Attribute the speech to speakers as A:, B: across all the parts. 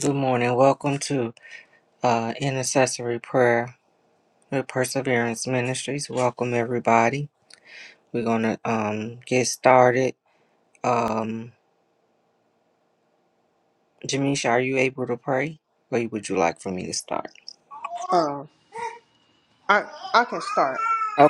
A: Good morning. Welcome to uh, Intercessory Prayer with Perseverance Ministries. Welcome, everybody. We're going to um, get started. Um, Jamisha, are you able to pray? Or would you like for me to start?
B: Um, I I can start.
A: Oh.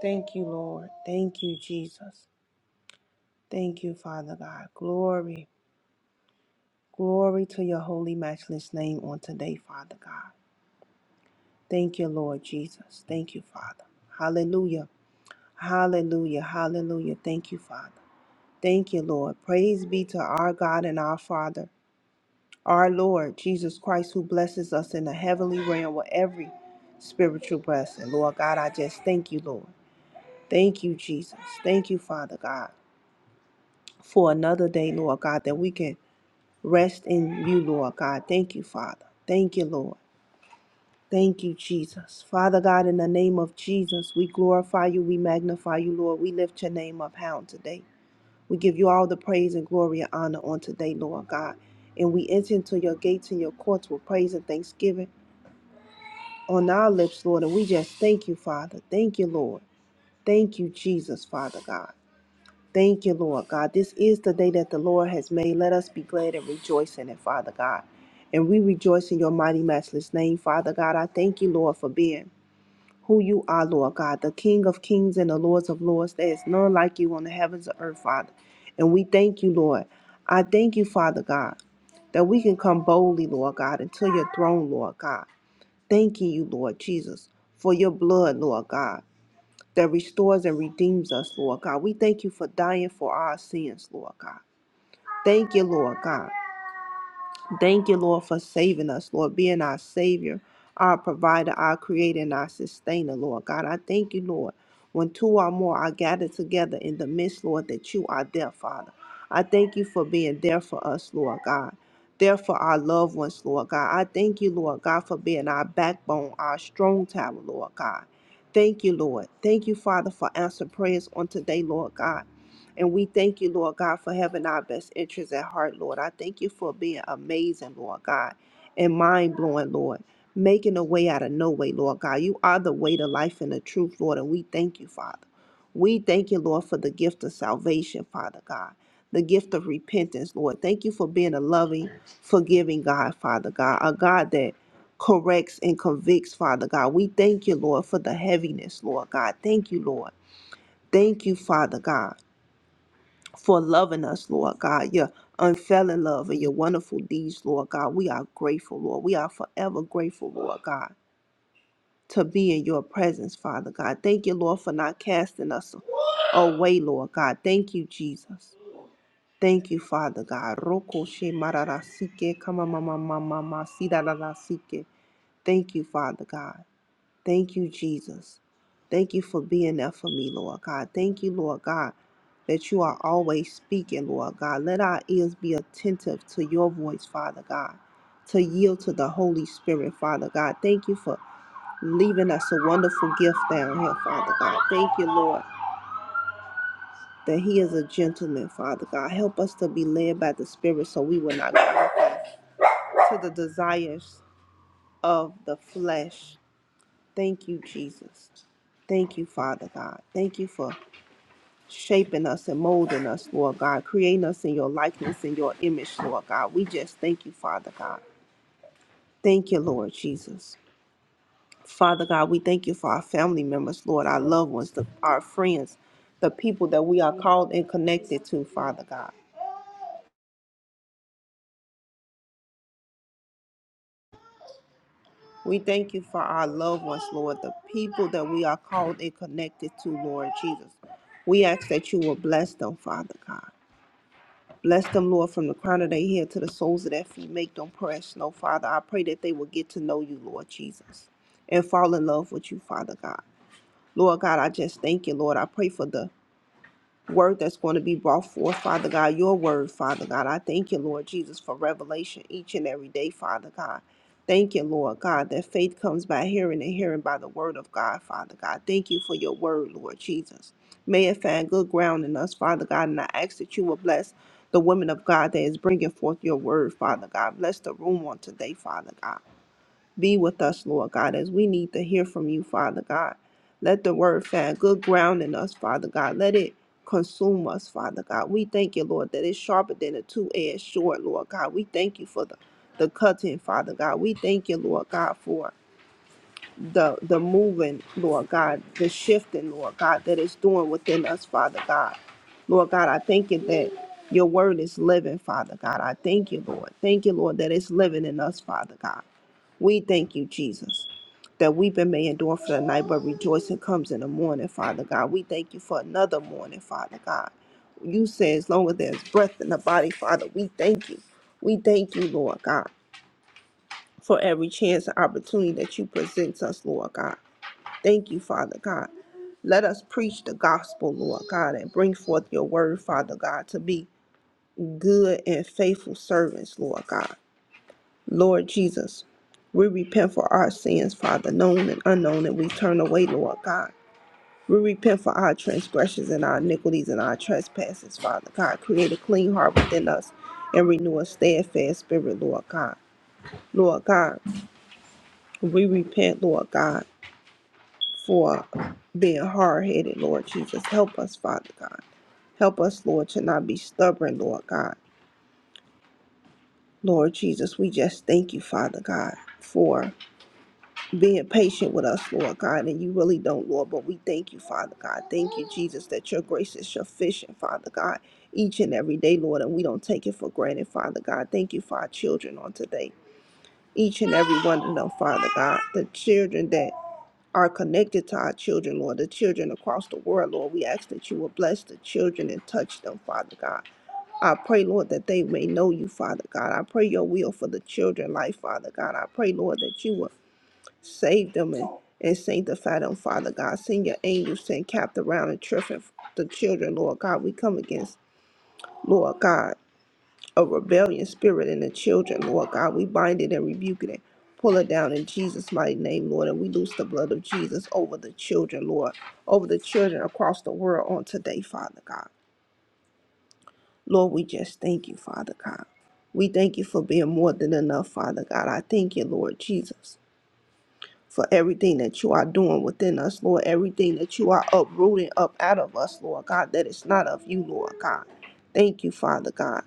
B: Thank you, Lord. Thank you, Jesus. Thank you, Father God. Glory, glory to your holy, matchless name on today, Father God. Thank you, Lord Jesus. Thank you, Father. Hallelujah. Hallelujah. Hallelujah. Thank you, Father. Thank you, Lord. Praise be to our God and our Father, our Lord Jesus Christ, who blesses us in the heavenly realm with every spiritual blessing. Lord God, I just thank you, Lord. Thank you, Jesus. Thank you, Father God, for another day, Lord God, that we can rest in you, Lord God. Thank you, Father. Thank you, Lord. Thank you, Jesus. Father God, in the name of Jesus, we glorify you, we magnify you, Lord. We lift your name up high on today. We give you all the praise and glory and honor on today, Lord God. And we enter into your gates and your courts with praise and thanksgiving on our lips, Lord. And we just thank you, Father. Thank you, Lord. Thank you, Jesus, Father God. Thank you, Lord God. This is the day that the Lord has made. Let us be glad and rejoice in it, Father God. And we rejoice in your mighty, matchless name, Father God. I thank you, Lord, for being who you are, Lord God, the King of kings and the Lords of lords. There is none like you on the heavens or earth, Father. And we thank you, Lord. I thank you, Father God, that we can come boldly, Lord God, into your throne, Lord God. Thanking you, Lord Jesus, for your blood, Lord God that restores and redeems us, Lord God. We thank you for dying for our sins, Lord God. Thank you, Lord God. Thank you, Lord, for saving us, Lord, being our Savior, our provider, our creator, and our sustainer, Lord. God, I thank you, Lord, when two or more are gathered together in the midst, Lord, that you are there, Father. I thank you for being there for us, Lord God. There for our loved ones, Lord God. I thank you, Lord God, for being our backbone, our strong tower, Lord God. Thank you, Lord. Thank you, Father, for answer prayers on today, Lord God. And we thank you, Lord God, for having our best interests at heart, Lord. I thank you for being amazing, Lord God, and mind blowing, Lord, making a way out of no way, Lord God. You are the way, the life, and the truth, Lord, and we thank you, Father. We thank you, Lord, for the gift of salvation, Father God, the gift of repentance, Lord. Thank you for being a loving, forgiving God, Father God, a God that corrects and convicts, Father God. We thank you, Lord, for the heaviness, Lord God. Thank you, Lord. Thank you, Father God for loving us, Lord God, your unfailing love and your wonderful deeds, Lord God. We are grateful, Lord. We are forever grateful, Lord God, to be in your presence, Father God. Thank you, Lord, for not casting us away, Lord God. Thank you, Jesus. Thank you, Father God. Roko she mararasike kamamamamamama sidadadasike. Thank you, Father God. Thank you, Jesus. Thank you for being there for me, Lord God. Thank you, Lord God, that you are always speaking, Lord God. Let our ears be attentive to your voice, Father God, to yield to the Holy Spirit, Father God. Thank you for leaving us a wonderful gift down here, Father God. Thank you, Lord, that He is a gentleman, Father God. Help us to be led by the Spirit so we will not go to the desires of the flesh Thank you, Jesus. Thank you, Father God. Thank you for shaping us and molding us, Lord God, creating us in your likeness and your image, Lord God. We just thank you, Father God. Thank you, Lord Jesus. Father God, we thank you for our family members, Lord, our loved ones, the, our friends, the people that we are called and connected to, Father God. We thank you for our loved ones, Lord, the people that we are called and connected to, Lord Jesus. We ask that you will bless them, Father God. Bless them, Lord, from the crown of their head to the soles of their feet. Make them precious, No, Father, I pray that they will get to know you, Lord Jesus, and fall in love with you, Father God. Lord God, I just thank you, Lord. I pray for the word that's going to be brought forth, Father God, your word, Father God. I thank you, Lord Jesus, for revelation each and every day, Father God. Thank you, Lord God, that faith comes by hearing and hearing by the word of God, Father God. Thank you for your word, Lord Jesus. May it find good ground in us, Father God, and I ask that you will bless the women of God that is bringing forth your word, Father God. Bless the room on today, Father God. Be with us, Lord God, as we need to hear from you, Father God. Let the word find good ground in us, Father God. Let it consume us, Father God. We thank you, Lord, that it's sharper than a two-edged sword, Lord God. We thank you for the, the cutting, Father God. We thank you, Lord God, for the the moving, Lord God, the shifting, Lord God, that is doing within us, Father God. Lord God, I thank you that your word is living, Father God. I thank you, Lord. Thank you, Lord, that it's living in us, Father God. We thank you, Jesus, that weeping may endure for the night, but rejoicing comes in the morning, Father God. We thank you for another morning, Father God. You say as long as there's breath in the body, Father, we thank you. We thank you, Lord God, for every chance and opportunity that you present us, Lord God. Thank you, Father God. Let us preach the gospel, Lord God, and bring forth your word, Father God, to be good and faithful servants, Lord God. Lord Jesus, we repent for our sins, Father, known and unknown, and we turn away, Lord God. We repent for our transgressions and our iniquities and our trespasses, Father God. Create a clean heart within us and renew a steadfast spirit, Lord God. Lord God, we repent, Lord God, for being hard headed, Lord Jesus. Help us, Father God. Help us, Lord, to not be stubborn, Lord God. Lord Jesus, we just thank you, Father God, for being patient with us, Lord God, and you really don't, Lord, but we thank you, Father God. Thank you, Jesus, that your grace is sufficient, Father God, each and every day, Lord, and we don't take it for granted, Father God. Thank you for our children on today, each and every one of them, Father God, the children that are connected to our children, Lord, the children across the world, Lord. We ask that you will bless the children and touch them, Father God. I pray, Lord, that they may know you, Father God. I pray your will for the children's life, Father God. I pray, Lord, that you will Save them and, and sanctify them, Father God. Send your angels and capped around and triffing the children, Lord God. We come against, Lord God, a rebellion spirit in the children, Lord God. We bind it and rebuke it and pull it down in Jesus' mighty name, Lord. And we loose the blood of Jesus over the children, Lord, over the children across the world on today, Father God. Lord, we just thank you, Father God. We thank you for being more than enough, Father God. I thank you, Lord Jesus. for everything that you are doing within us, Lord, everything that you are uprooting up out of us, Lord God, that is not of you, Lord God. Thank you, Father God.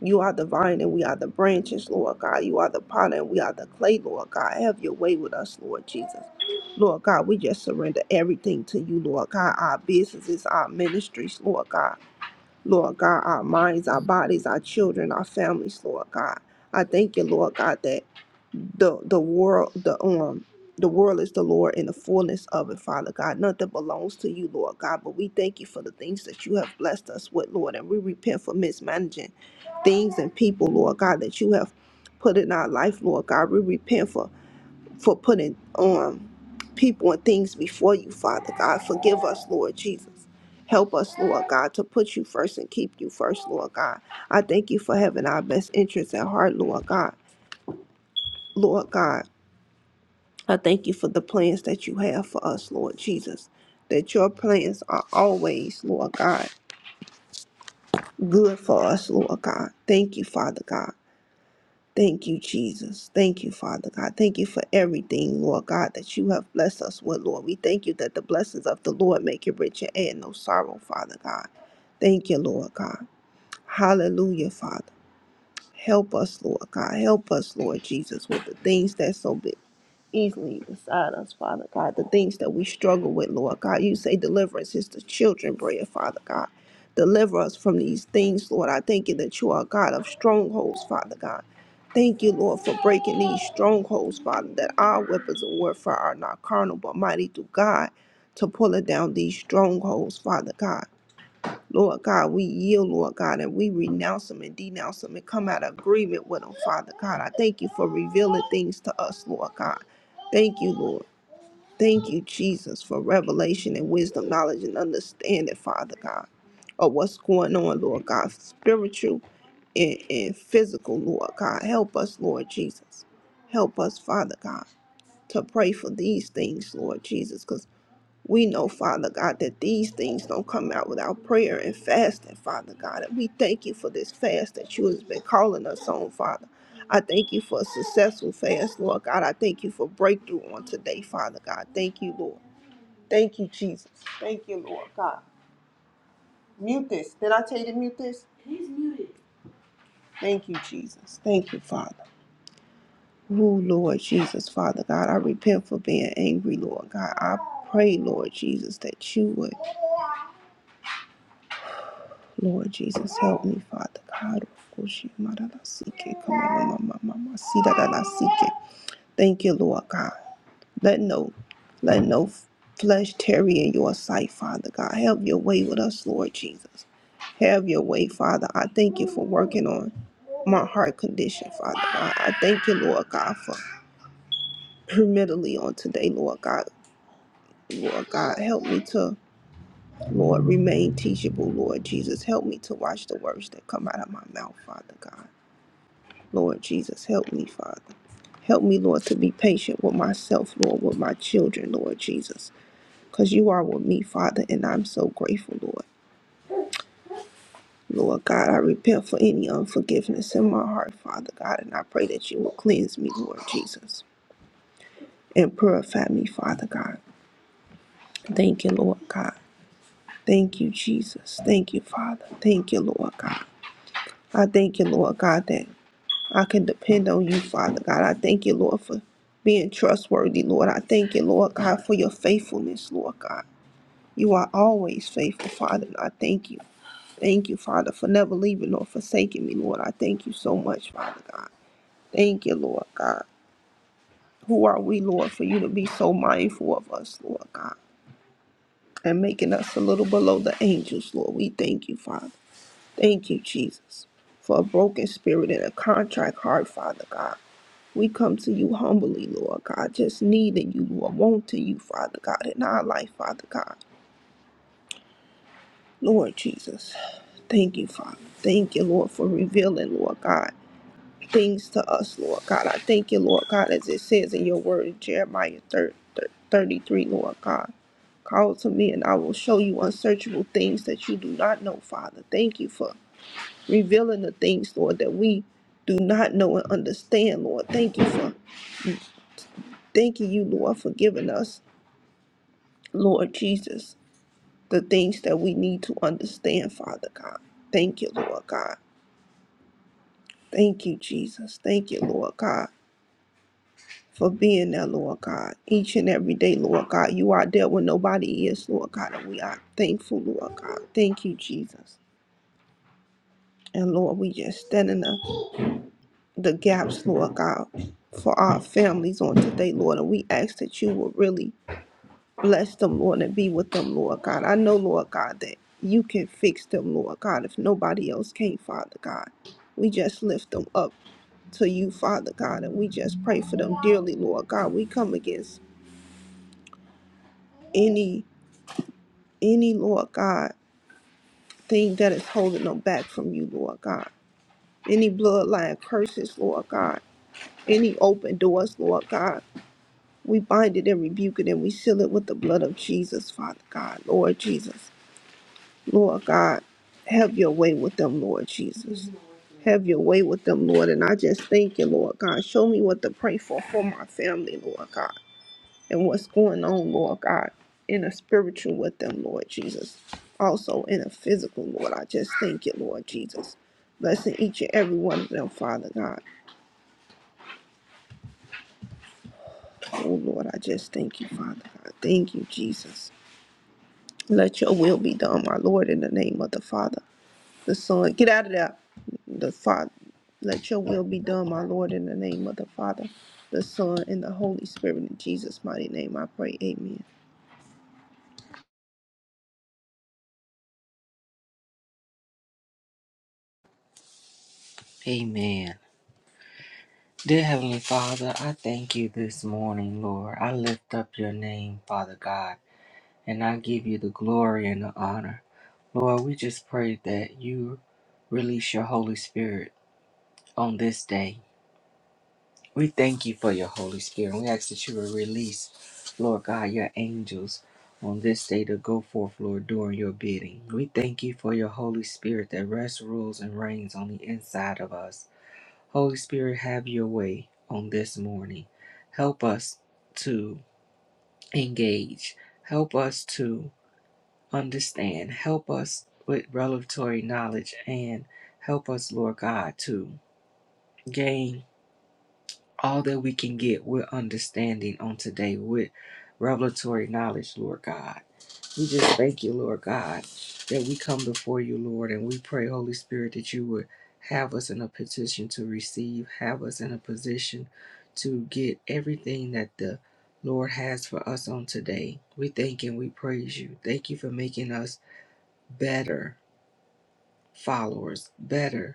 B: You are the vine and we are the branches, Lord God. You are the potter and we are the clay, Lord God. Have your way with us, Lord Jesus. Lord God, we just surrender everything to you, Lord God. Our businesses, our ministries, Lord God. Lord God, our minds, our bodies, our children, our families, Lord God. I thank you, Lord God, that the the world the um the world is the Lord and the fullness of it, Father God. Nothing belongs to you, Lord God, but we thank you for the things that you have blessed us with, Lord, and we repent for mismanaging things and people, Lord God, that you have put in our life, Lord God. We repent for for putting um people and things before you, Father God. Forgive us, Lord Jesus. Help us, Lord God, to put you first and keep you first, Lord God. I thank you for having our best interests at heart, Lord God. Lord God. I thank you for the plans that you have for us, Lord Jesus. That your plans are always, Lord God, good for us, Lord God. Thank you, Father God. Thank you, Jesus. Thank you, Father God. Thank you for everything, Lord God, that you have blessed us with, Lord. We thank you that the blessings of the Lord make it rich and add no sorrow, Father God. Thank you, Lord God. Hallelujah, Father. Help us, Lord God. Help us, Lord Jesus, with the things that's so big easily beside us, Father God. The things that we struggle with, Lord God. You say deliverance is the children bread. Father God. Deliver us from these things, Lord. I thank you that you are a God of strongholds, Father God. Thank you, Lord, for breaking these strongholds, Father, that our weapons of warfare are not carnal, but mighty through God to pulling down these strongholds, Father God. Lord God, we yield, Lord God, and we renounce them and denounce them and come out of agreement with them, Father God. I thank you for revealing things to us, Lord God. Thank you, Lord. Thank you, Jesus, for revelation and wisdom, knowledge, and understanding, Father God, of what's going on, Lord God, spiritual and, and physical, Lord God. Help us, Lord Jesus. Help us, Father God, to pray for these things, Lord Jesus, because. We know, Father God, that these things don't come out without prayer and fasting, Father God. And we thank you for this fast that you has been calling us on, Father. I thank you for a successful fast, Lord God. I thank you for breakthrough on today, Father God. Thank you, Lord. Thank you, Jesus. Thank you, Lord God. Mute this. Did I tell you to mute this? Thank you, Jesus. Thank you, Father. Oh, Lord Jesus, Father God, I repent for being angry, Lord God. I pray, Lord Jesus, that you would. Lord Jesus, help me, Father God. Okoshimaralasike, kamamamamamasidarasike. Thank you, Lord God. Let no, let no flesh tarry in your sight, Father God. Have your way with us, Lord Jesus. Have your way, Father. I thank you for working on my heart condition, Father God. I thank you, Lord God, for mentally on today, Lord God. Lord God, help me to, Lord, remain teachable, Lord Jesus. Help me to watch the words that come out of my mouth, Father God. Lord Jesus, help me, Father. Help me, Lord, to be patient with myself, Lord, with my children, Lord Jesus, because you are with me, Father, and I'm so grateful, Lord. Lord God, I repent for any unforgiveness in my heart, Father God, and I pray that you will cleanse me, Lord Jesus, and purify me, Father God. Thank you, Lord God. Thank you, Jesus. Thank you, Father. Thank you, Lord God. I thank you, Lord God, that I can depend on you, Father God. I thank you, Lord, for being trustworthy, Lord. I thank you, Lord God, for your faithfulness, Lord God. You are always faithful, Father, and I thank you. Thank you, Father, for never leaving nor forsaking me, Lord. I thank you so much, Father God. Thank you, Lord God. Who are we, Lord, for you to be so mindful of us, Lord God, and making us a little below the angels, Lord? We thank you, Father. Thank you, Jesus, for a broken spirit and a contract heart, Father God. We come to you humbly, Lord God, just needing you, Lord, wanting you, Father God, in our life, Father God. Lord Jesus, thank you, Father. Thank you, Lord, for revealing, Lord God, things to us, Lord God. I thank you, Lord God, as it says in your word in Jeremiah 30, 33, Lord God. Call to me and I will show you unsearchable things that you do not know, Father. Thank you for revealing the things, Lord, that we do not know and understand, Lord. Thank you for thanking you, Lord, for giving us Lord Jesus, the things that we need to understand, Father God. Thank you, Lord God. Thank you, Jesus. Thank you, Lord God, for being there, Lord God. Each and every day, Lord God, you are there when nobody is, Lord God, and we are thankful, Lord God. Thank you, Jesus. And Lord, we just stand in the, the gaps, Lord God, for our families on today, Lord. And we ask that you will really Bless them, Lord, and be with them, Lord God. I know, Lord God, that you can fix them, Lord God, if nobody else can, Father God. We just lift them up to you, Father God, and we just pray for them dearly, Lord God. We come against any, any, Lord God, thing that is holding them back from you, Lord God. Any bloodline curses, Lord God. Any open doors, Lord God. We bind it and rebuke it and we seal it with the blood of Jesus, Father God, Lord Jesus. Lord God, have your way with them, Lord Jesus. Have your way with them, Lord. And I just thank you, Lord God. Show me what to pray for for my family, Lord God, and what's going on, Lord God, in a spiritual with them, Lord Jesus. Also in a physical, Lord. I just thank you, Lord Jesus. Blessing each and every one of them, Father God. Oh, Lord, I just thank you, Father God. Thank you, Jesus. Let your will be done, my Lord, in the name of the Father. the Son. Get out of there. The Father. Let your will be done, my Lord, in the name of the Father, the Son, and the Holy Spirit. In Jesus' mighty name, I pray. Amen.
A: Amen. Dear Heavenly Father, I thank you this morning, Lord. I lift up your name, Father God, and I give you the glory and the honor. Lord, we just pray that you release your Holy Spirit on this day. We thank you for your Holy Spirit. We ask that you will release, Lord God, your angels on this day to go forth, Lord, doing your bidding. We thank you for your Holy Spirit that rests, rules, and reigns on the inside of us. Holy Spirit, have your way on this morning. Help us to engage. Help us to understand. Help us with revelatory knowledge and help us, Lord God, to gain. all that we can get with understanding on today, with revelatory knowledge, Lord God. We just thank you, Lord God, that we come before you, Lord, and we pray, Holy Spirit, that you would have us in a petition to receive, have us in a position to get everything that the Lord has for us on today. We thank and we praise you. Thank you for making us better followers, better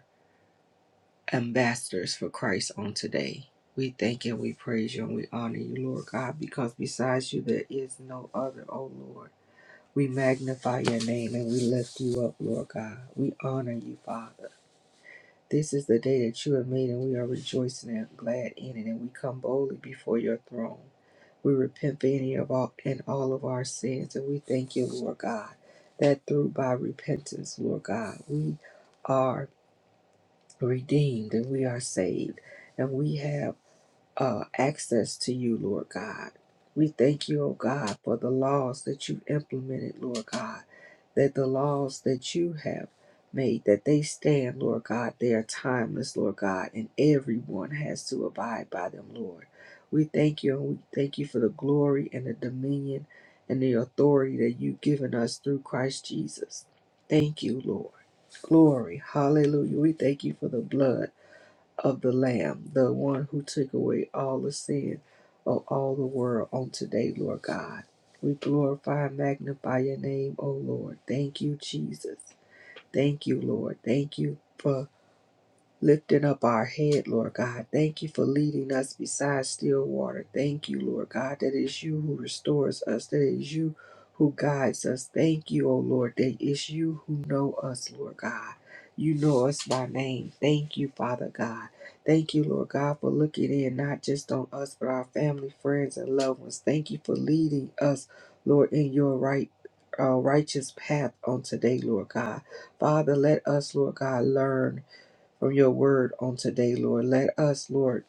A: ambassadors for Christ on today. We thank and we praise you and we honor you, Lord God, because besides you there is no other, oh Lord. We magnify your name and we lift you up, Lord God. We honor you, Father. This is the day that you have made and we are rejoicing and glad in it and we come boldly before your throne. We repent for any of all and all of our sins and we thank you, Lord God, that through by repentance, Lord God, we are redeemed and we are saved and we have uh, access to you, Lord God. We thank you, oh God, for the laws that you've implemented, Lord God, that the laws that you have made, that they stand, Lord God, they are timeless, Lord God, and everyone has to abide by them, Lord. We thank you, and we thank you for the glory and the dominion and the authority that you've given us through Christ Jesus. Thank you, Lord. Glory. Hallelujah. We thank you for the blood of the Lamb, the one who took away all the sin of all the world on today, Lord God. We glorify and magnify your name, O Lord. Thank you, Jesus. Thank you, Lord. Thank you for lifting up our head, Lord God. Thank you for leading us beside still water. Thank you, Lord God, that is you who restores us, that is you who guides us. Thank you, O Lord, that is you who know us, Lord God. You know us by name. Thank you, Father God. Thank you, Lord God, for looking in not just on us, but our family, friends, and loved ones. Thank you for leading us, Lord, in your right, uh, righteous path on today, Lord God. Father, let us, Lord God, learn from your word on today, Lord. Let us, Lord,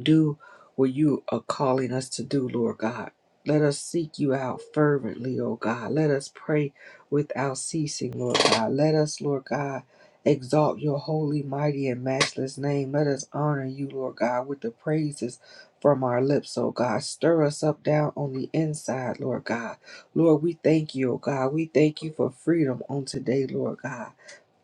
A: do what you are calling us to do, Lord God. Let us seek you out fervently, O God. Let us pray without ceasing, Lord God. Let us, Lord God, exalt your holy, mighty, and matchless name. Let us honor you, Lord God, with the praises from our lips, O God. Stir us up down on the inside, Lord God. Lord, we thank you, O God. We thank you for freedom on today, Lord God.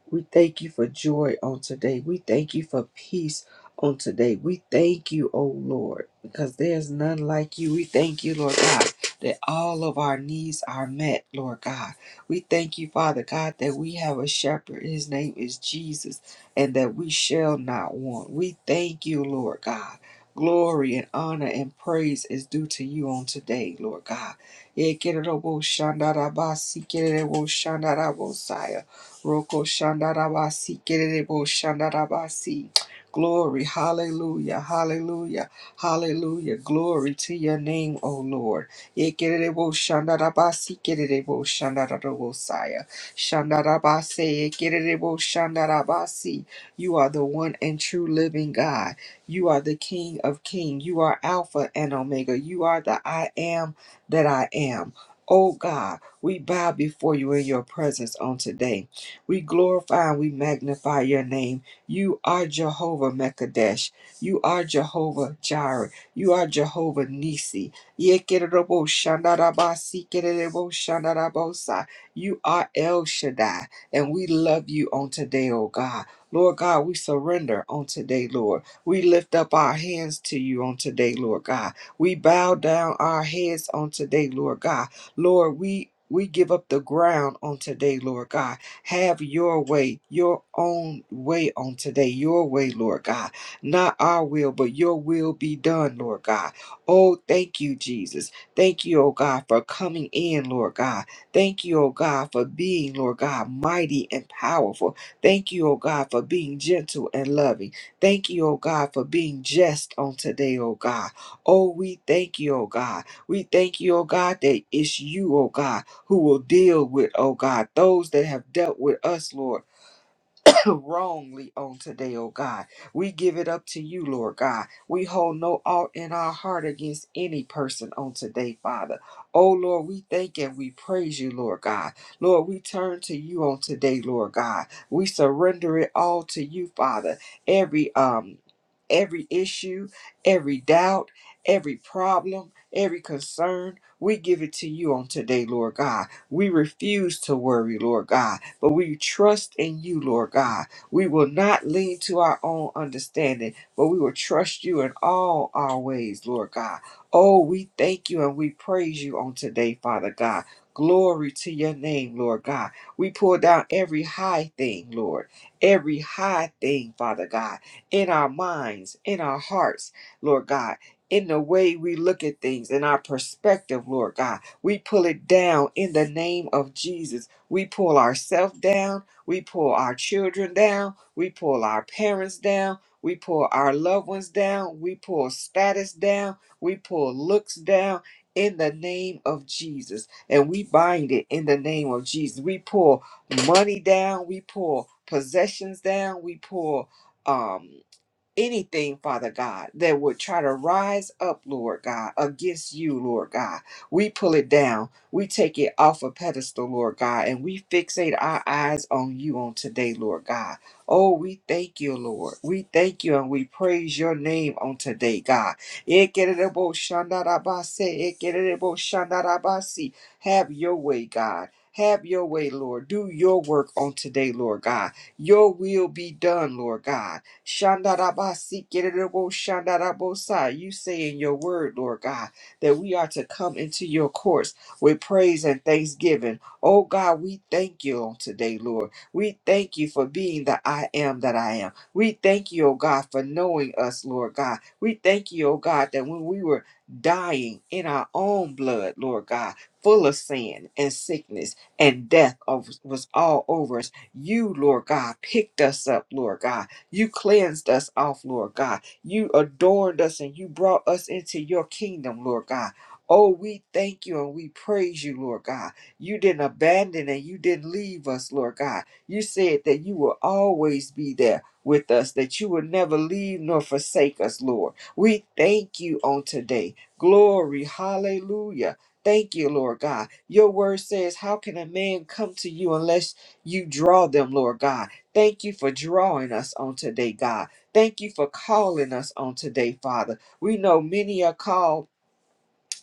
A: We thank you for joy on today. We thank you for peace on today. We thank you, O Lord, because there's none like you. We thank you, Lord God, that all of our needs are met, Lord God. We thank you, Father God, that we have a shepherd. His name is Jesus, and that we shall not want. We thank you, Lord God. Glory and honor and praise is due to you on today, Lord God. Ekererobo shandarabasi, kererobo shandarabosaya. Roko Shandarabasi, Kerebo Shandarabasi. Glory, hallelujah, hallelujah, hallelujah. Glory to your name, O Lord. Ye Kerebo Shandarabasi, Kerebo Shandarabosaya. Shandarabase, Ye Shandarabasi. You are the one and true living God. You are the King of Kings. You are Alpha and Omega. You are the I am that I am. Oh God, we bow before you in your presence on today. We glorify and we magnify your name. You are Jehovah Mekadesh. You are Jehovah Jireh. You are Jehovah Nisi. You are El Shaddai. And we love you on today, oh God. Lord God, we surrender on today, Lord. We lift up our hands to you on today, Lord God. We bow down our heads on today, Lord God. Lord, we we give up the ground on today, Lord God have your way, your own way on today, your way, Lord God. Not our will, but your will be done, Lord God. Oh, thank you, Jesus. Thank you, oh God, for coming in, Lord God. Thank you, oh God, for being, Lord God, mighty and powerful. Thank you, oh God, for being gentle and loving. Thank you, oh God, for being just on today, oh God. Oh, we thank you, oh God. We thank you, oh God, that it's you, oh God who will deal with, oh God, those that have dealt with us, Lord. wrongly on today, oh God. We give it up to you, Lord God. We hold no ought in our heart against any person on today, Father. Oh Lord, we thank and we praise you, Lord God. Lord, we turn to you on today, Lord God. We surrender it all to you, Father. Every um every issue, every doubt, every problem, every concern, we give it to you on today, Lord God. We refuse to worry, Lord God but we trust in you, Lord God. We will not lean to our own understanding, but we will trust you in all our ways, Lord God. Oh, we thank you and we praise you on today, Father God. Glory to your name, Lord God. We pull down every high thing, Lord, every high thing, Father God, in our minds, in our hearts, Lord God, in the way we look at things, in our perspective, Lord God. We pull it down in the name of Jesus we pull ourselves down. We pull our children down. We pull our parents down. We pull our loved ones down. We pull status down. We pull looks down in the name of Jesus. And we bind it in the name of Jesus. We pull money down. We pull possessions down. We pull. um anything, Father God, that would try to rise up, Lord God, against you, Lord God. We pull it down. We take it off a pedestal, Lord God, and we fixate our eyes on you on today, Lord God. Oh, we thank you, Lord. We thank you and we praise your name on today, God. Ekerebo shandarabase, ekerebo shandarabasi. Have your way, God. Have your way, Lord. Do your work on today, Lord God. Your will be done, Lord God. Shandarabasi, Gerebo, Shandarabosa. You say in your word, Lord God, that we are to come into your courts with praise and thanksgiving. Oh God, we thank you on today, Lord. We thank you for being the I am that I am. We thank you, oh God, for knowing us, Lord God. We thank you, oh God, that when we were dying in our own blood, Lord God, full of sin and sickness and death of- was all over us. You, Lord God, picked us up, Lord God you cleansed us off, Lord God. You adorned us and you brought us into your kingdom, Lord God. Oh, we thank you and we praise you, Lord God. You didn't abandon and you didn't leave us, Lord God. You said that you will always be there with us, that you will never leave nor forsake us, Lord. We thank you on today. Glory, hallelujah. Thank you, Lord God. Your word says, How can a man come to you unless you draw them, Lord God? Thank you for drawing us on today, God. Thank you for calling us on today, Father. We know many are called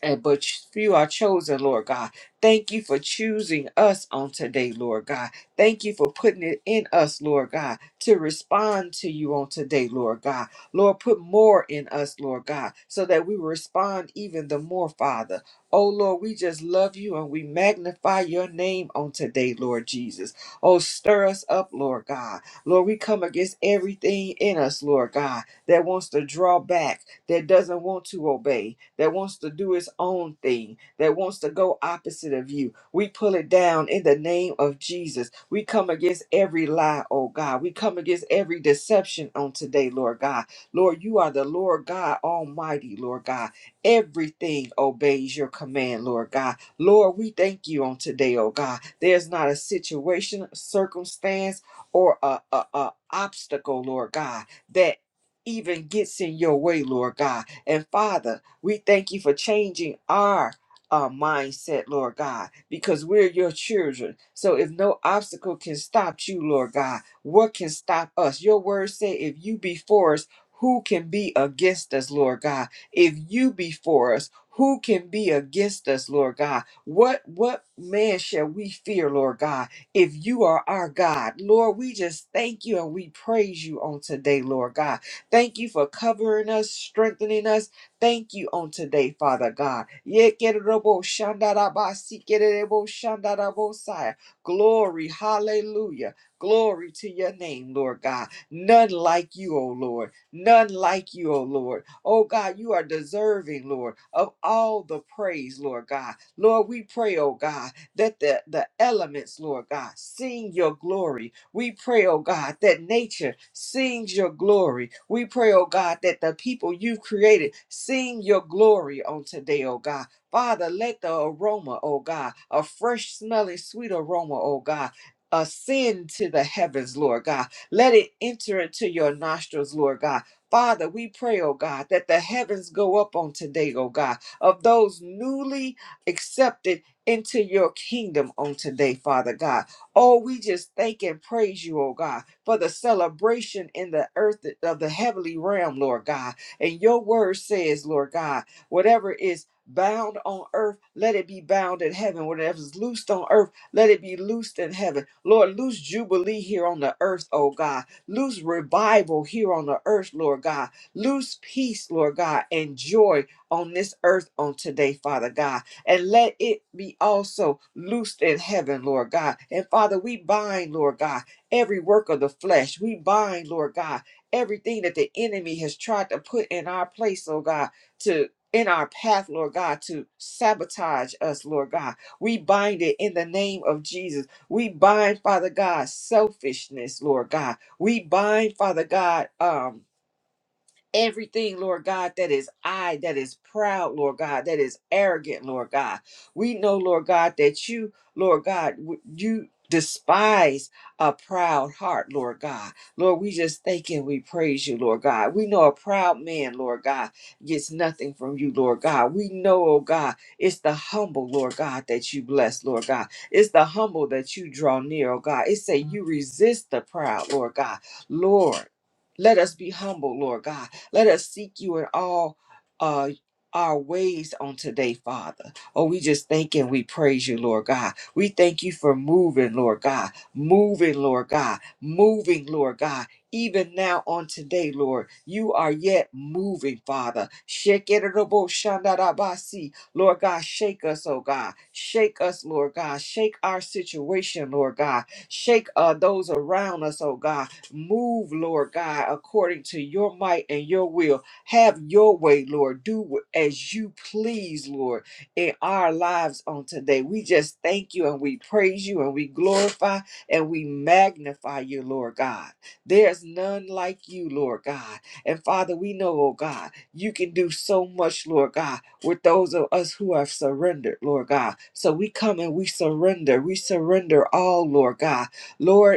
A: and but few are chosen, Lord God. Thank you for choosing us on today, Lord God. Thank you for putting it in us, Lord God, to respond to you on today, Lord God. Lord, put more in us, Lord God, so that we respond even the more, Father. Oh, Lord, we just love you and we magnify your name on today, Lord Jesus. Oh, stir us up, Lord God. Lord, we come against everything in us, Lord God, that wants to draw back, that doesn't want to obey, that wants to do its own thing, that wants to go opposite of you. We pull it down in the name of Jesus. We come against every lie, oh God. We come against every deception on today, Lord God. Lord, you are the Lord God Almighty, Lord God. Everything obeys your command, Lord God. Lord, we thank you on today, oh God. There's not a situation, circumstance, or a, a, a obstacle, Lord God, that even gets in your way, Lord God. And Father, we thank you for changing our uh, mindset, Lord God, because we're your children. So if no obstacle can stop you, Lord God, what can stop us? Your word said, if you be for us, who can be against us, Lord God? If you be for us, who can be against us, Lord God? What what man shall we fear, Lord God, if you are our God? Lord, we just thank you and we praise you on today, Lord God. Thank you for covering us, strengthening us, Thank you on today, Father God. Yekerebo shandarabasi kerebo shandarabosai. Glory, hallelujah. Glory to your name, Lord God. None like you, O Lord. None like you, O Lord. Oh God, you are deserving, Lord, of all the praise, Lord God. Lord, we pray, oh God, that the, the elements, Lord God, sing your glory. We pray, oh God, that nature sings your glory. We pray, oh God, that the people you've created sing your glory on today, oh God. Father, let the aroma, oh God, a fresh smelling sweet aroma, oh God, ascend to the heavens, Lord God. Let it enter into your nostrils, Lord God. Father, we pray, oh God, that the heavens go up on today, oh God, of those newly accepted into your kingdom on today, Father God. Oh, we just thank and praise you, oh God, for the celebration in the earth of the heavenly realm, Lord God. And your word says, Lord God, whatever is bound on earth, let it be bound in heaven. Whatever is loosed on earth, let it be loosed in heaven. Lord, loose jubilee here on the earth, oh God. Loose revival here on the earth, Lord God. Loose peace, Lord God, and joy on this earth on today, Father God and let it be also loosed in heaven, Lord God. And Father, we bind, Lord God, every work of the flesh. We bind, Lord God, everything that the enemy has tried to put in our place, oh God, to in our path, Lord God, to sabotage us, Lord God. We bind it in the name of Jesus. We bind, Father God, selfishness, Lord God. We bind, Father God, um, Everything, Lord God, that is I, that is proud, Lord God, that is arrogant, Lord God. We know, Lord God, that you, Lord God, w- you despise a proud heart, Lord God. Lord, we just thank and we praise you, Lord God. We know a proud man, Lord God, gets nothing from you, Lord God. We know, oh God, it's the humble, Lord God, that you bless, Lord God. It's the humble that you draw near, oh God. It say you resist the proud, Lord God. Lord, let us be humble, Lord God. Let us seek you in all uh, our ways on today, Father. Oh, we just thank and we praise you, Lord God. We thank you for moving, Lord God. Moving, Lord God. Moving, Lord God. Even now on today, Lord, you are yet moving, Father. Shake it, Lord God. Shake us, oh God. Shake us, Lord God. Shake our situation, Lord God. Shake uh, those around us, oh God. Move, Lord God, according to your might and your will. Have your way, Lord. Do as you please, Lord, in our lives on today. We just thank you and we praise you and we glorify and we magnify you, Lord God. There's none like you, Lord God. And Father, we know, oh God, you can do so much, Lord God, with those of us who have surrendered, Lord God. So we come and we surrender. We surrender all, Lord God. Lord,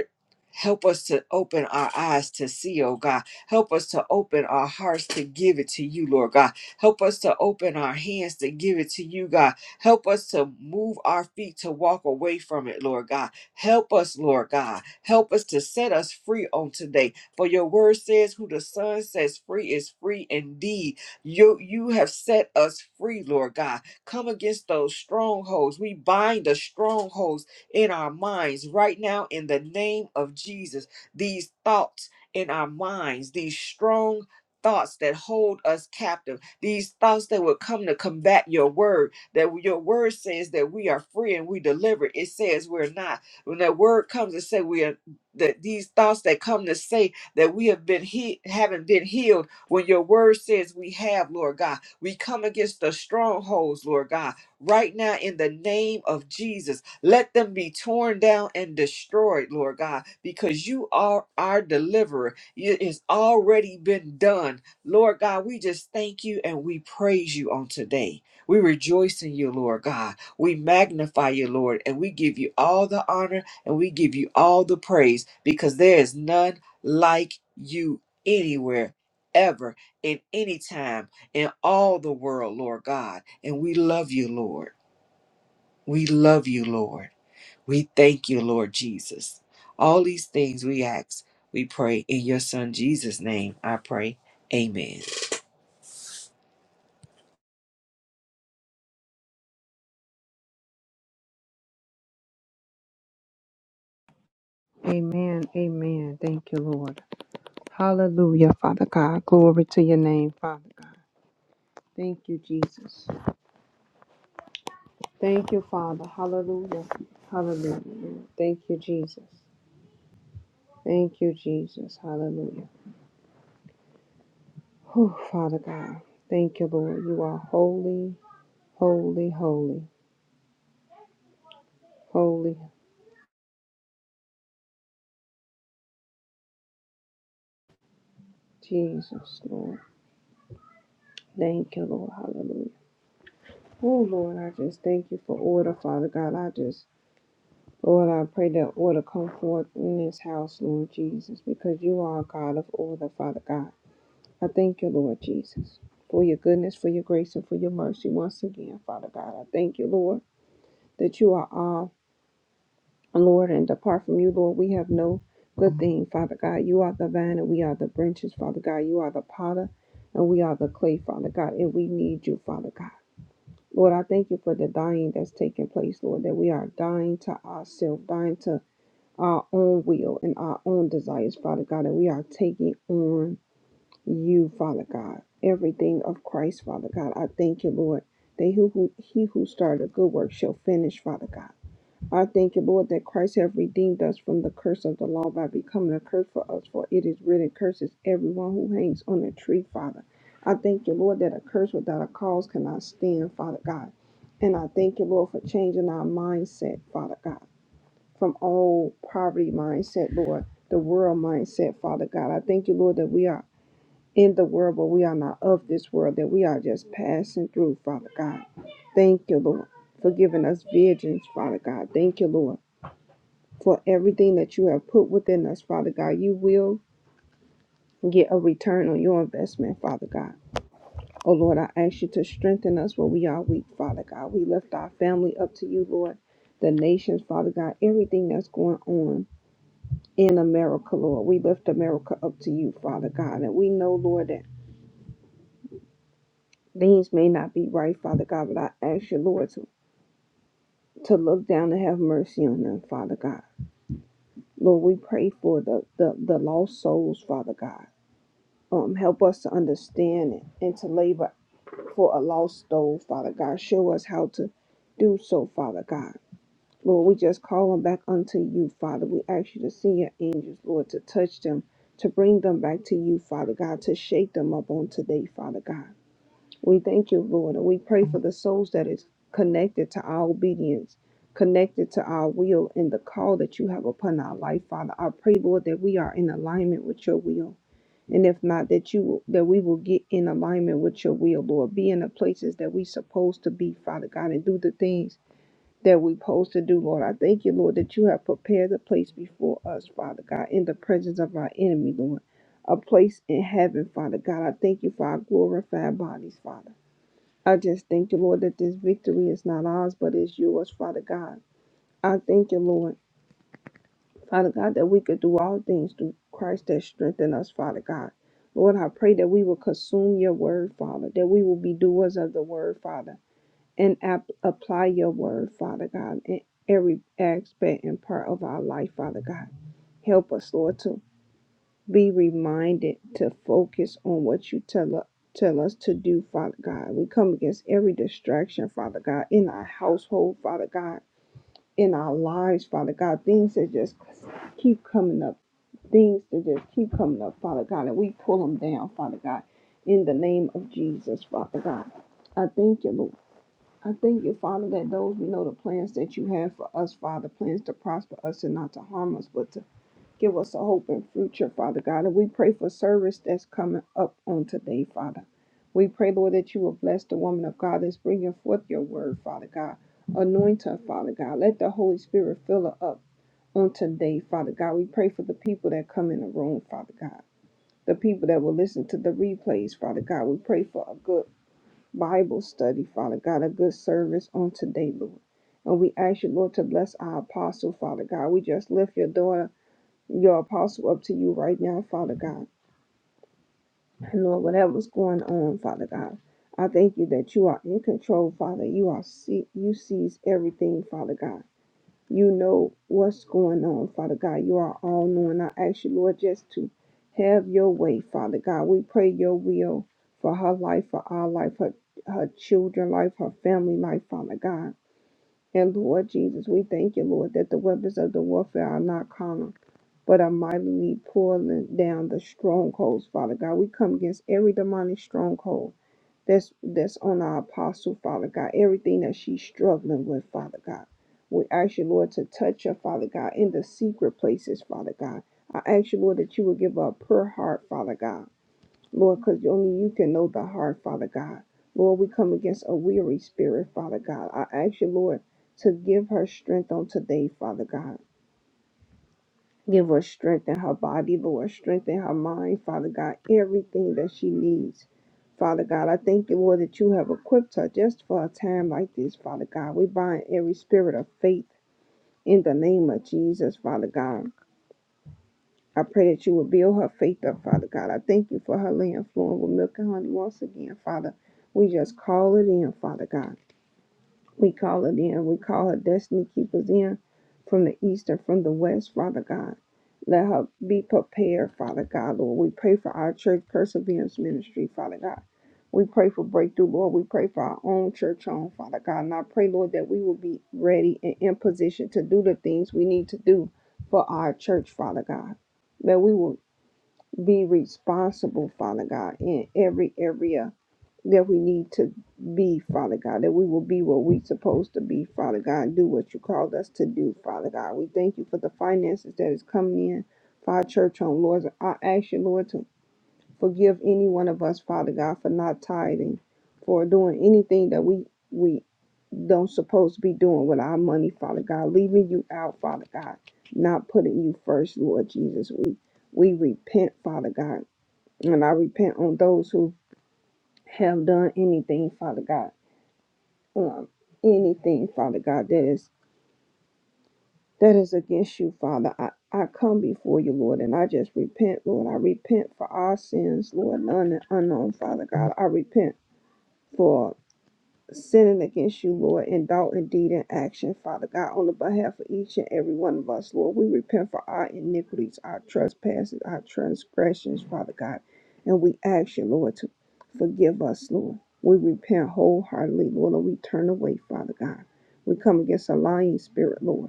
A: Help us to open our eyes to see, oh God. Help us to open our hearts to give it to you, Lord God. Help us to open our hands to give it to you, God. Help us to move our feet to walk away from it, Lord God. Help us, Lord God. Help us to set us free on today. For your word says, Who the Son sets free is free indeed. You, you have set us free, Lord God. Come against those strongholds. We bind the strongholds in our minds right now in the name of Jesus. These thoughts in our minds, these strong thoughts that hold us captive, these thoughts that would come to combat your word, that your word says that we are free and we deliver. It says we're not. When that word comes to say we are that these thoughts that come to say that we have been he- haven't been healed when your word says we have, Lord God. We come against the strongholds, Lord God, right now in the name of Jesus let them be torn down and destroyed, Lord God, because you are our deliverer. It has already been done. Lord God, we just thank you and we praise you on today. We rejoice in you, Lord God. We magnify you, Lord, and we give you all the honor and we give you all the praise because there is none like you anywhere, ever, in any time, in all the world, Lord God. And we love you, Lord. We love you, Lord. We thank you, Lord Jesus. All these things we ask, we pray in your Son Jesus' name. I pray. Amen.
C: Amen. Amen. Thank you, Lord. Hallelujah, Father God. Glory to your name, Father God. Thank you, Jesus. Thank you, Father. Hallelujah. Hallelujah. Thank you, Jesus. Thank you, Jesus. Hallelujah. Oh, Father God. Thank you, Lord. You are holy, holy, holy, holy. Jesus, Lord. Thank you, Lord. Hallelujah. Oh, Lord, I just thank you for order, Father God. I just Lord, I pray that order come forth in this house, Lord Jesus, because you are a God of order, Father God. I thank you, Lord Jesus, for your goodness, for your grace, and for your mercy once again, Father God. I thank you, Lord, that you are all, Lord, and apart from you, Lord, we have no good thing, Father God. You are the vine and we are the branches, Father God. You are the potter and we are the clay, Father God, and we need you, Father God. Lord, I thank you for the dying that's taking place, Lord, that we are dying to ourselves, dying to our own will and our own desires, Father God, and we are taking on you, Father God. Everything of Christ, Father God. I thank you, Lord. That who, who he who started a good work shall finish, Father God. I thank you, Lord, that Christ have redeemed us from the curse of the law by becoming a curse for us, for it is written, curses everyone who hangs on a tree, Father. I thank you, Lord, that a curse without a cause cannot stand, Father God. And I thank you, Lord, for changing our mindset, Father God from all poverty mindset, Lord, the world mindset, Father God. I thank you, Lord, that we are in the world, but we are not of this world, that we are just passing through, Father God. Thank you, Lord, for giving us visions, Father God. Thank you, Lord, for everything that you have put within us, Father God. You will get a return on your investment, Father God. Oh, Lord, I ask you to strengthen us where we are weak, Father God. We lift our family up to you, Lord, the nations, Father God, everything that's going on. in America, Lord. We lift America up to you, Father God. And we know, Lord, that things may not be right, Father God, but I ask you, Lord, to, to look down and have mercy on them, Father God. Lord, we pray for the, the, the lost souls, Father God. Um, help us to understand it and to labor for a lost soul, Father God. Show us how to do so, Father God. Lord, we just call them back unto you, Father. We ask you to send your angels, Lord, to touch them, to bring them back to you, Father God, to shake them up on today, Father God. We thank you, Lord, and we pray for the souls that is connected to our obedience, connected to our will and the call that you have upon our life, Father. I pray, Lord, that we are in alignment with your will. And if not, that you will, that we will get in alignment with your will, Lord. Be in the places that we supposed to be, Father God, and do the things that we're supposed to do, Lord. I thank you, Lord, that you have prepared a place before us, Father God, in the presence of our enemy, Lord. A place in heaven, Father God. I thank you for our glorified bodies, Father. I just thank you, Lord, that this victory is not ours, but is yours, Father God. I thank you, Lord, Father God, that we could do all things through Christ that strengthen us, Father God. Lord, I pray that we will consume your word, Father, that we will be doers of the word, Father and app- apply your word, Father God, in every aspect and part of our life, Father God. Help us, Lord, to be reminded to focus on what you tell us. Tell us to do, Father God. We come against every distraction, Father God, in our household, Father God, in our lives, Father God. Things that just keep coming up, things that just keep coming up, Father God, and we pull them down, Father God, in the name of Jesus, Father God. I thank you, Lord. I thank you, Father, that those we know the plans that you have for us, Father, plans to prosper us and not to harm us, but to give us a hope and future, Father God. And we pray for service that's coming up on today, Father. We pray, Lord, that you will bless the woman of God that's bringing forth your word, Father God. Anoint her, Father God. Let the Holy Spirit fill her up on today, Father God. We pray for the people that come in the room, Father God. The people that will listen to the replays, Father God. We pray for a good Bible study, Father God, a good service on today, Lord. And we ask you, Lord, to bless our apostle, Father God. We just lift your daughter, your apostle, up to you right now, Father God. And Lord, whatever's going on, Father God, I thank you that you are in control, Father. You are see you sees everything, Father God. You know what's going on, Father God. You are all knowing. I ask you, Lord, just to have your way, Father God. We pray your will for her life, for our life, her, her children life, her family life, Father God. And Lord Jesus, we thank you, Lord, that the weapons of the warfare are not carnal but are mightily pulling down the strongholds, Father God. We come against every demonic stronghold that's that's on our apostle, Father God. Everything that she's struggling with, Father God. We ask you, Lord, to touch her, Father God, in the secret places, Father God. I ask you, Lord, that you will give her a pure heart, Father God. Lord, because only you can know the heart, Father God. Lord, we come against a weary spirit, Father God. I ask you, Lord, to give her strength on today, Father God. Give her strength in her body, Lord, strength in her mind, Father God, everything that she needs. Father God, I thank you, Lord, that you have equipped her just for a time like this, Father God. We bind every spirit of faith in the name of Jesus, Father God. I pray that you will build her faith up, Father God. I thank you for her laying flowing with milk and honey once again, Father. We just call it in, Father God. We call it in. We call her destiny keepers in from the east and from the west, Father God. Let her be prepared, Father God, Lord. We pray for our church perseverance ministry, Father God. We pray for breakthrough, Lord. We pray for our own church home, Father God. And I pray, Lord, that we will be ready and in position to do the things we need to do for our church, Father God. That we will be responsible, Father God, in every area that we need to be, Father God, that we will be what we're supposed to be, Father God, and do what you called us to do, Father God. We thank you for the finances that is coming in for our church home, Lord. I ask you, Lord, to forgive any one of us, Father God, for not tithing, for doing anything that we we don't supposed to be doing with our money, Father God, leaving you out, Father God, not putting you first, Lord Jesus. We we repent, Father God, and I repent on those who have done anything, Father God um, anything, Father God, that is that is against you, Father. I, I come before you, Lord, and I just repent, Lord. I repent for our sins, Lord, known and unknown, Father God. I repent for sinning against you, Lord, in thought and deed and action, Father God, on the behalf of each and every one of us, Lord. We repent for our iniquities, our trespasses, our transgressions, Father God. And we ask you, Lord, to forgive us, Lord. We repent wholeheartedly, Lord, and we turn away, Father God. We come against a lying spirit, Lord.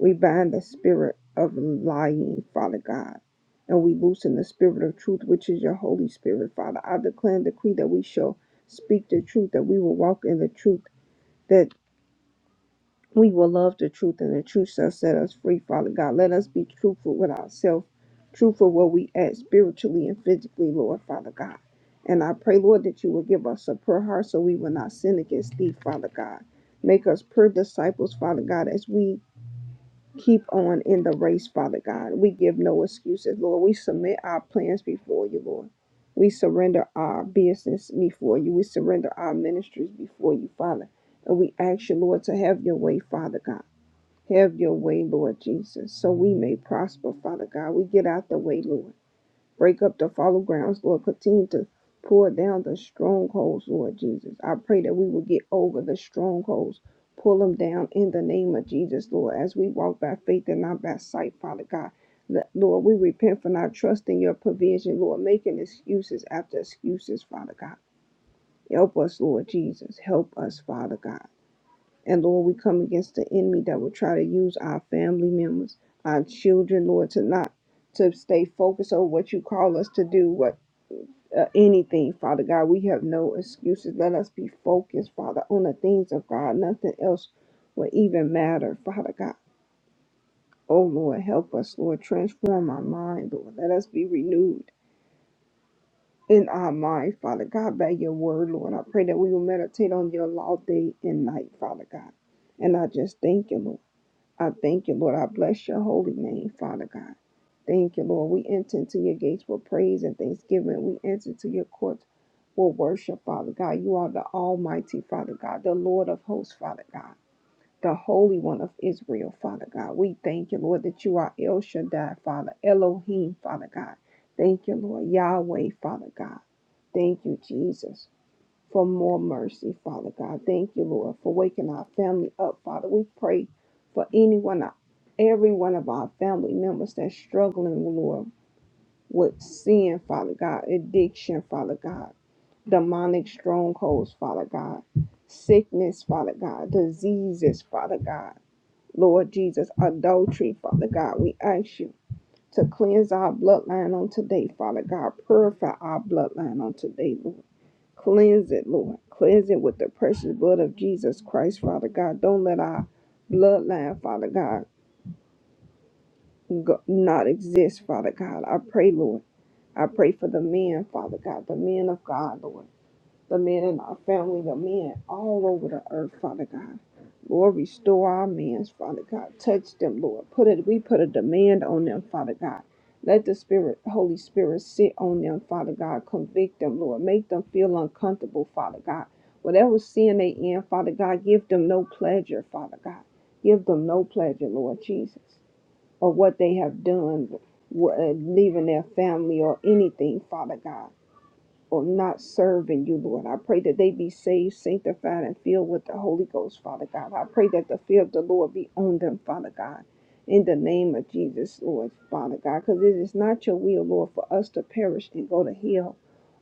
C: We bind the spirit of lying, Father God, and we loosen the spirit of truth, which is your Holy Spirit, Father. I declare and decree that we shall speak the truth, that we will walk in the truth, that we will love the truth, and the truth shall set us free, Father God. Let us be truthful with ourselves, truthful where we at spiritually and physically, Lord, Father God. And I pray, Lord, that you will give us a pure heart so we will not sin against thee, Father God. Make us pure disciples, Father God, as we keep on in the race, Father God. We give no excuses, Lord. We submit our plans before you, Lord. We surrender our business before you. We surrender our ministries before you, Father. And we ask you, Lord, to have your way, Father God. Have your way, Lord Jesus, so we may prosper, Father God. We get out the way, Lord. Break up the fallow grounds, Lord. Continue to pour down the strongholds, Lord Jesus. I pray that we will get over the strongholds, pull them down in the name of Jesus, Lord, as we walk by faith and not by sight, Father God. Let- Lord, we repent for not trusting your provision, Lord, making excuses after excuses, Father God. Help us, Lord Jesus. Help us, Father God. And Lord, we come against the enemy that will try to use our family members, our children, Lord, to not to stay focused on what you call us to do, what uh, anything, Father God. We have no excuses. Let us be focused, Father, on the things of God. Nothing else will even matter, Father God. Oh, Lord, help us, Lord. Transform our mind, Lord. Let us be renewed in our mind, Father God, by your word, Lord. I pray that we will meditate on your law day and night, Father God. And I just thank you, Lord. I thank you, Lord. I bless your holy name, Father God. Thank you, Lord. We enter into your gates with praise and thanksgiving. We enter to your courts with worship, Father God. You are the Almighty, Father God, the Lord of hosts, Father God, the Holy One of Israel, Father God. We thank you, Lord, that you are El Shaddai, Father, Elohim, Father God. Thank you, Lord. Yahweh, Father God. Thank you, Jesus for more mercy, Father God. Thank you, Lord, for waking our family up, Father. We pray for anyone, every one of our family members that's struggling, Lord, with sin, Father God, addiction, Father God, demonic strongholds, Father God, sickness, Father God, diseases, Father God, Lord Jesus, adultery, Father God. We ask you to cleanse our bloodline on today, Father God. Purify our bloodline on today, Lord. Cleanse it, Lord. Cleanse it with the precious blood of Jesus Christ, Father God. Don't let our bloodline, Father God, go, not exist, Father God. I pray, Lord. I pray for the men, Father God, the men of God, Lord the men in our family, the men all over the earth, Father God. Lord, restore our men, Father God. Touch them, Lord. Put it, we put a demand on them, Father God. Let the Spirit, Holy Spirit, sit on them, Father God. Convict them, Lord. Make them feel uncomfortable, Father God. Whatever sin they in, Father God, give them no pleasure, Father God. Give them no pleasure, Lord Jesus, or what they have done, wh- uh, leaving their family or anything, Father God or not serving you, Lord. I pray that they be saved, sanctified, and filled with the Holy Ghost, Father God. I pray that the fear of the Lord be on them, Father God. In the name of Jesus, Lord, Father God, because it is not your will, Lord, for us to perish and go to hell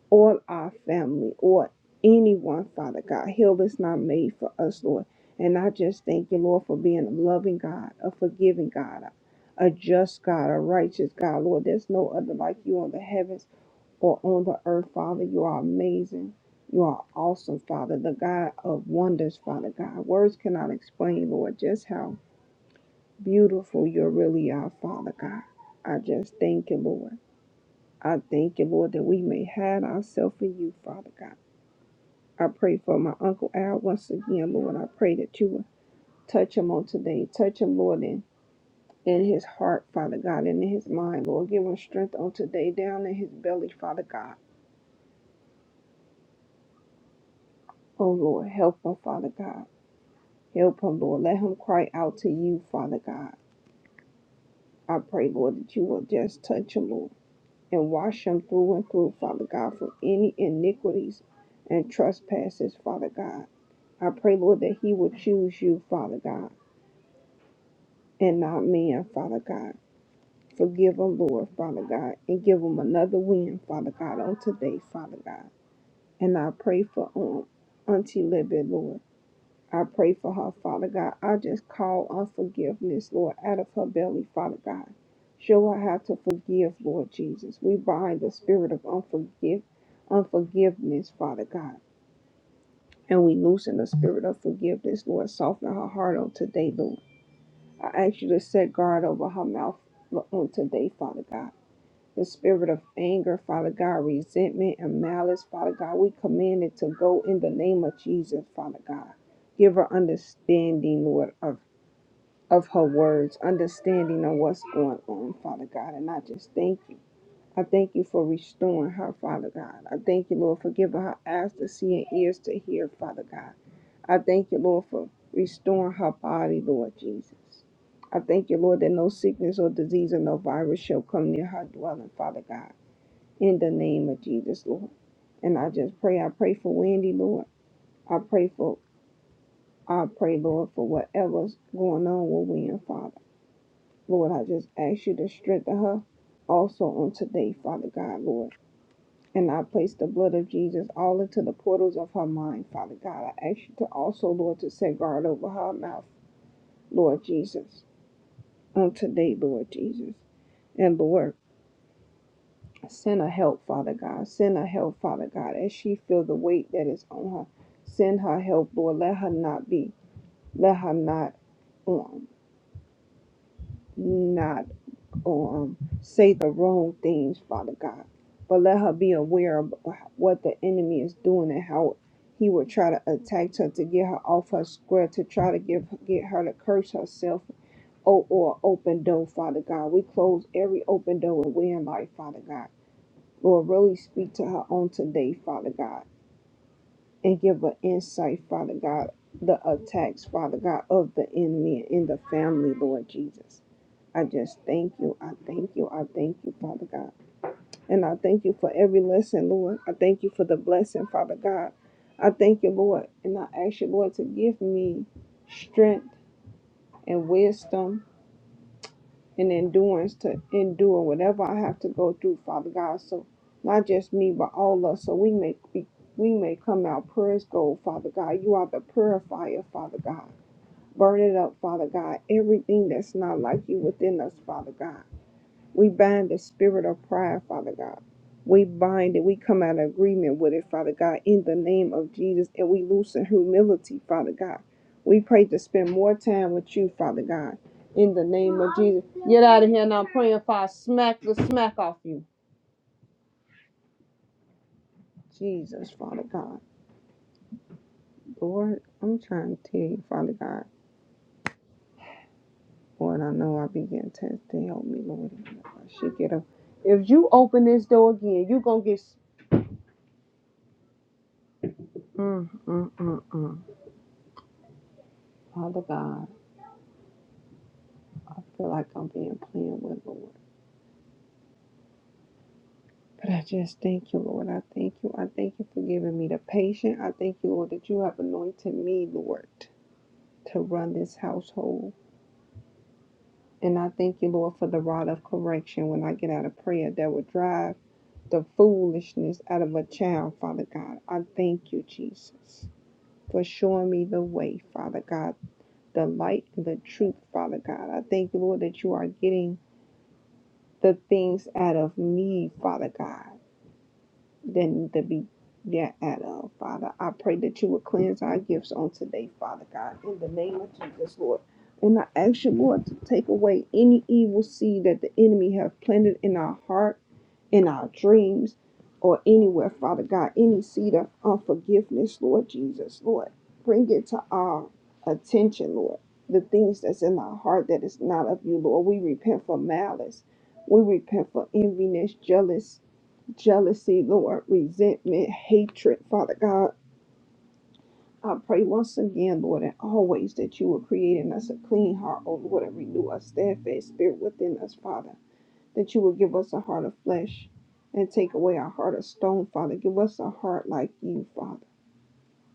C: or our family or anyone, Father God. Hell is not made for us, Lord. And I just thank you, Lord, for being a loving God, a forgiving God, a a just God, a righteous God, Lord. There's no other like you on the heavens or on the earth, Father. You are amazing. You are awesome, Father, the God of wonders, Father God. Words cannot explain, Lord, just how beautiful you really are, Father God. I just thank you, Lord. I thank you, Lord, that we may hide ourselves in you, Father God. I pray for my Uncle Al once again, Lord. I pray that you would touch him on today. Touch him, Lord, in, in his heart, Father God, and in his mind, Lord. Give him strength on today, down in his belly, Father God. Oh, Lord, help him, Father God. Help him, Lord. Let him cry out to you, Father God. I pray, Lord, that you will just touch him, Lord, and wash him through and through, Father God, from any iniquities and trespasses, Father God. I pray, Lord, that he will choose you, Father God, and not men, Father God. Forgive him, Lord, Father God, and give him another win, Father God, on today, Father God. And I pray for um, Auntie Libby, Lord. I pray for her, Father God. I just call on forgiveness, Lord, out of her belly, Father God. Show her how to forgive, Lord Jesus. We bind the spirit of unforgive, unforgiveness, Father God. And we loosen the spirit of forgiveness, Lord. Soften her heart on today, Lord. I ask you to set guard over her mouth on today, Father God. The spirit of anger, Father God, resentment and malice, Father God, we command it to go in the name of Jesus, Father God. Give her understanding Lord, of, of her words, understanding of what's going on, Father God. And I just thank you. I thank you for restoring her, Father God. I thank you, Lord, for giving her eyes to see and ears to hear, Father God. I thank you, Lord, for restoring her body, Lord Jesus. I thank you, Lord, that no sickness or disease or no virus shall come near her dwelling, Father God in the name of Jesus, Lord. And I just pray, I pray for Wendy, Lord. I pray for, I pray, Lord, for whatever's going on with Wendy, Father. Lord, I just ask you to strengthen her also on today, Father God, Lord. And I place the blood of Jesus all into the portals of her mind, Father God. I ask you to also, Lord, to set guard over her mouth, Lord Jesus, on today, Lord Jesus. And Lord. Send her help, Father God. Send her help, Father God, as she feel the weight that is on her. Send her help, Lord. Let her not be. Let her not um not um say the wrong things, Father God. But let her be aware of what the enemy is doing and how he will try to attack her to get her off her square, to try to give get her to curse herself. Oh, or open door, Father God. We close every open door and way in life, Father God. Lord, really speak to her on today, Father God, and give her insight, Father God, the attacks, Father God, of the enemy in the family, Lord Jesus. I just thank you. I thank you. I thank you, Father God. And I thank you for every lesson, Lord. I thank you for the blessing, Father God. I thank you, Lord. And I ask you, Lord, to give me strength and wisdom and endurance to endure whatever I have to go through, Father God. So not just me, but all us, so we may be, we may come out pure as gold, Father God. You are the purifier, Father God. Burn it up, Father God. Everything that's not like you within us, Father God. We bind the spirit of pride, Father God. We bind it. We come out of agreement with it, Father God, in the name of Jesus. And we loosen humility, Father God. We pray to spend more time with you, Father God, in the name of Jesus. Get out of here now. I'm praying for I smack the smack off you. Jesus, Father God. Lord, I'm trying to tell you, Father God. Lord, I know I begin to to help me, Lord. If I should get up. If you open this door again, you're going to get. Mm, mm, mm, mm. Father God. I feel like I'm being playing with Lord. But I just thank you, Lord. I thank you. I thank you for giving me the patience. I thank you, Lord, that you have anointed me, Lord, to run this household. And I thank you, Lord, for the rod of correction when I get out of prayer that will drive the foolishness out of a child, Father God. I thank you, Jesus, for showing me the way, Father God, the light and the truth, Father God. I thank you, Lord, that you are getting the things out of me, Father God than to be thereof, Father. I pray that you would cleanse our gifts on today, Father God, in the name of Jesus, Lord. And I ask you, Lord, to take away any evil seed that the enemy have planted in our heart, in our dreams, or anywhere, Father God, any seed of unforgiveness, Lord Jesus, Lord. Bring it to our attention, Lord. The things that's in our heart that is not of you, Lord. We repent for malice. We repent for enviness, jealous, jealousy, Lord, resentment, hatred, Father God. I pray once again, Lord, and always that you will create in us a clean heart, oh Lord, and renew a steadfast spirit within us, Father, that you will give us a heart of flesh and take away our heart of stone, Father. Give us a heart like you, Father.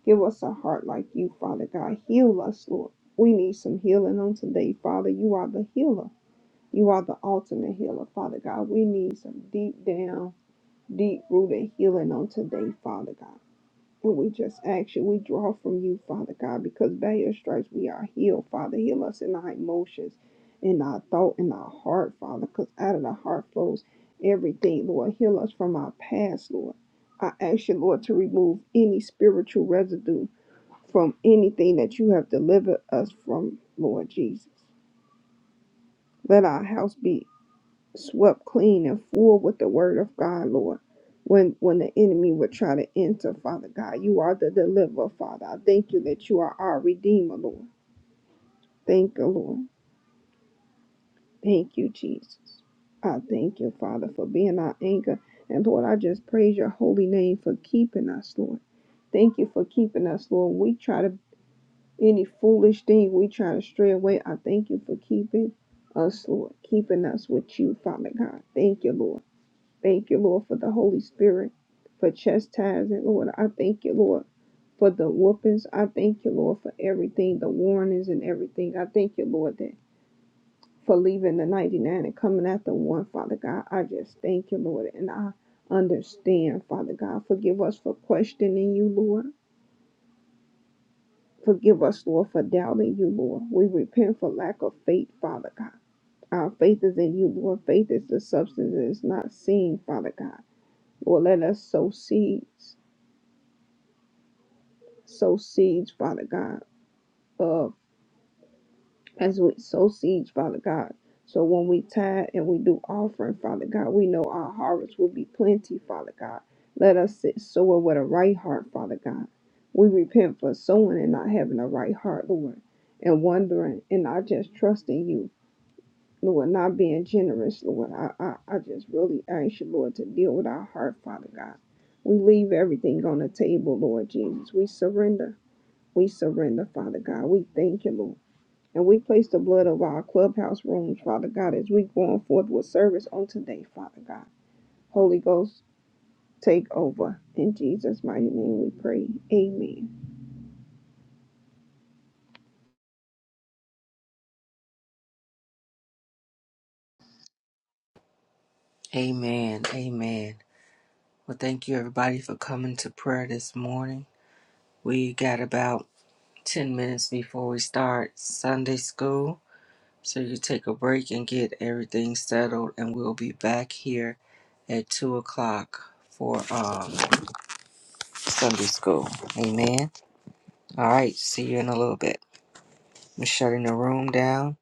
C: Give us a heart like you, Father God. Heal us, Lord. We need some healing on today, Father. You are the healer. You are the ultimate healer, Father God. We need some deep down, deep rooted healing on today, Father God. And we just ask you, we draw from you, Father God, because by your stripes we are healed, Father. Heal us in our emotions, in our thought, in our heart, Father, because out of the heart flows everything, Lord. Heal us from our past, Lord. I ask you, Lord, to remove any spiritual residue from anything that you have delivered us from, Lord Jesus. Let our house be swept clean and full with the word of God, Lord. When when the enemy would try to enter, Father God, you are the deliverer, Father. I thank you that you are our redeemer, Lord. Thank you, Lord. Thank you, Jesus. I thank you, Father, for being our anchor. And Lord, I just praise your holy name for keeping us, Lord. Thank you for keeping us, Lord. When we try to any foolish thing, we try to stray away. I thank you for keeping us, Lord, keeping us with you, Father God. Thank you, Lord. Thank you, Lord, for the Holy Spirit, for chastising, Lord. I thank you, Lord, for the whoopings. I thank you, Lord, for everything, the warnings and everything. I thank you, Lord, that for leaving the 99 and coming after one, Father God. I just thank you, Lord, and I understand, Father God. Forgive us for questioning you, Lord. Forgive us, Lord, for doubting you, Lord. We repent for lack of faith, Father God. Our faith is in you, Lord. Faith is the substance that is not seen, Father God. Lord, let us sow seeds sow seeds, Father God, uh, as we sow seeds, Father God. So when we tithe and we do offering, Father God, we know our harvest will be plenty, Father God. Let us sit sow it with a right heart, Father God. We repent for sowing and not having a right heart, Lord, and wondering and not just trusting you, Lord, not being generous, Lord. I, I, I just really ask you, Lord, to deal with our heart, Father God. We leave everything on the table, Lord Jesus. We surrender. We surrender, Father God. We thank you, Lord. And we place the blood of our clubhouse rooms, Father God, as we go on forth with service on today, Father God. Holy Ghost, take over. In Jesus' mighty name we pray. Amen.
A: Amen. Amen. Well, thank you, everybody, for coming to prayer this morning. We got about 10 minutes before we start Sunday school. So you take a break and get everything settled, and we'll be back here at 2 o'clock for um, Sunday school. Amen. All right. See you in a little bit. I'm shutting the room down.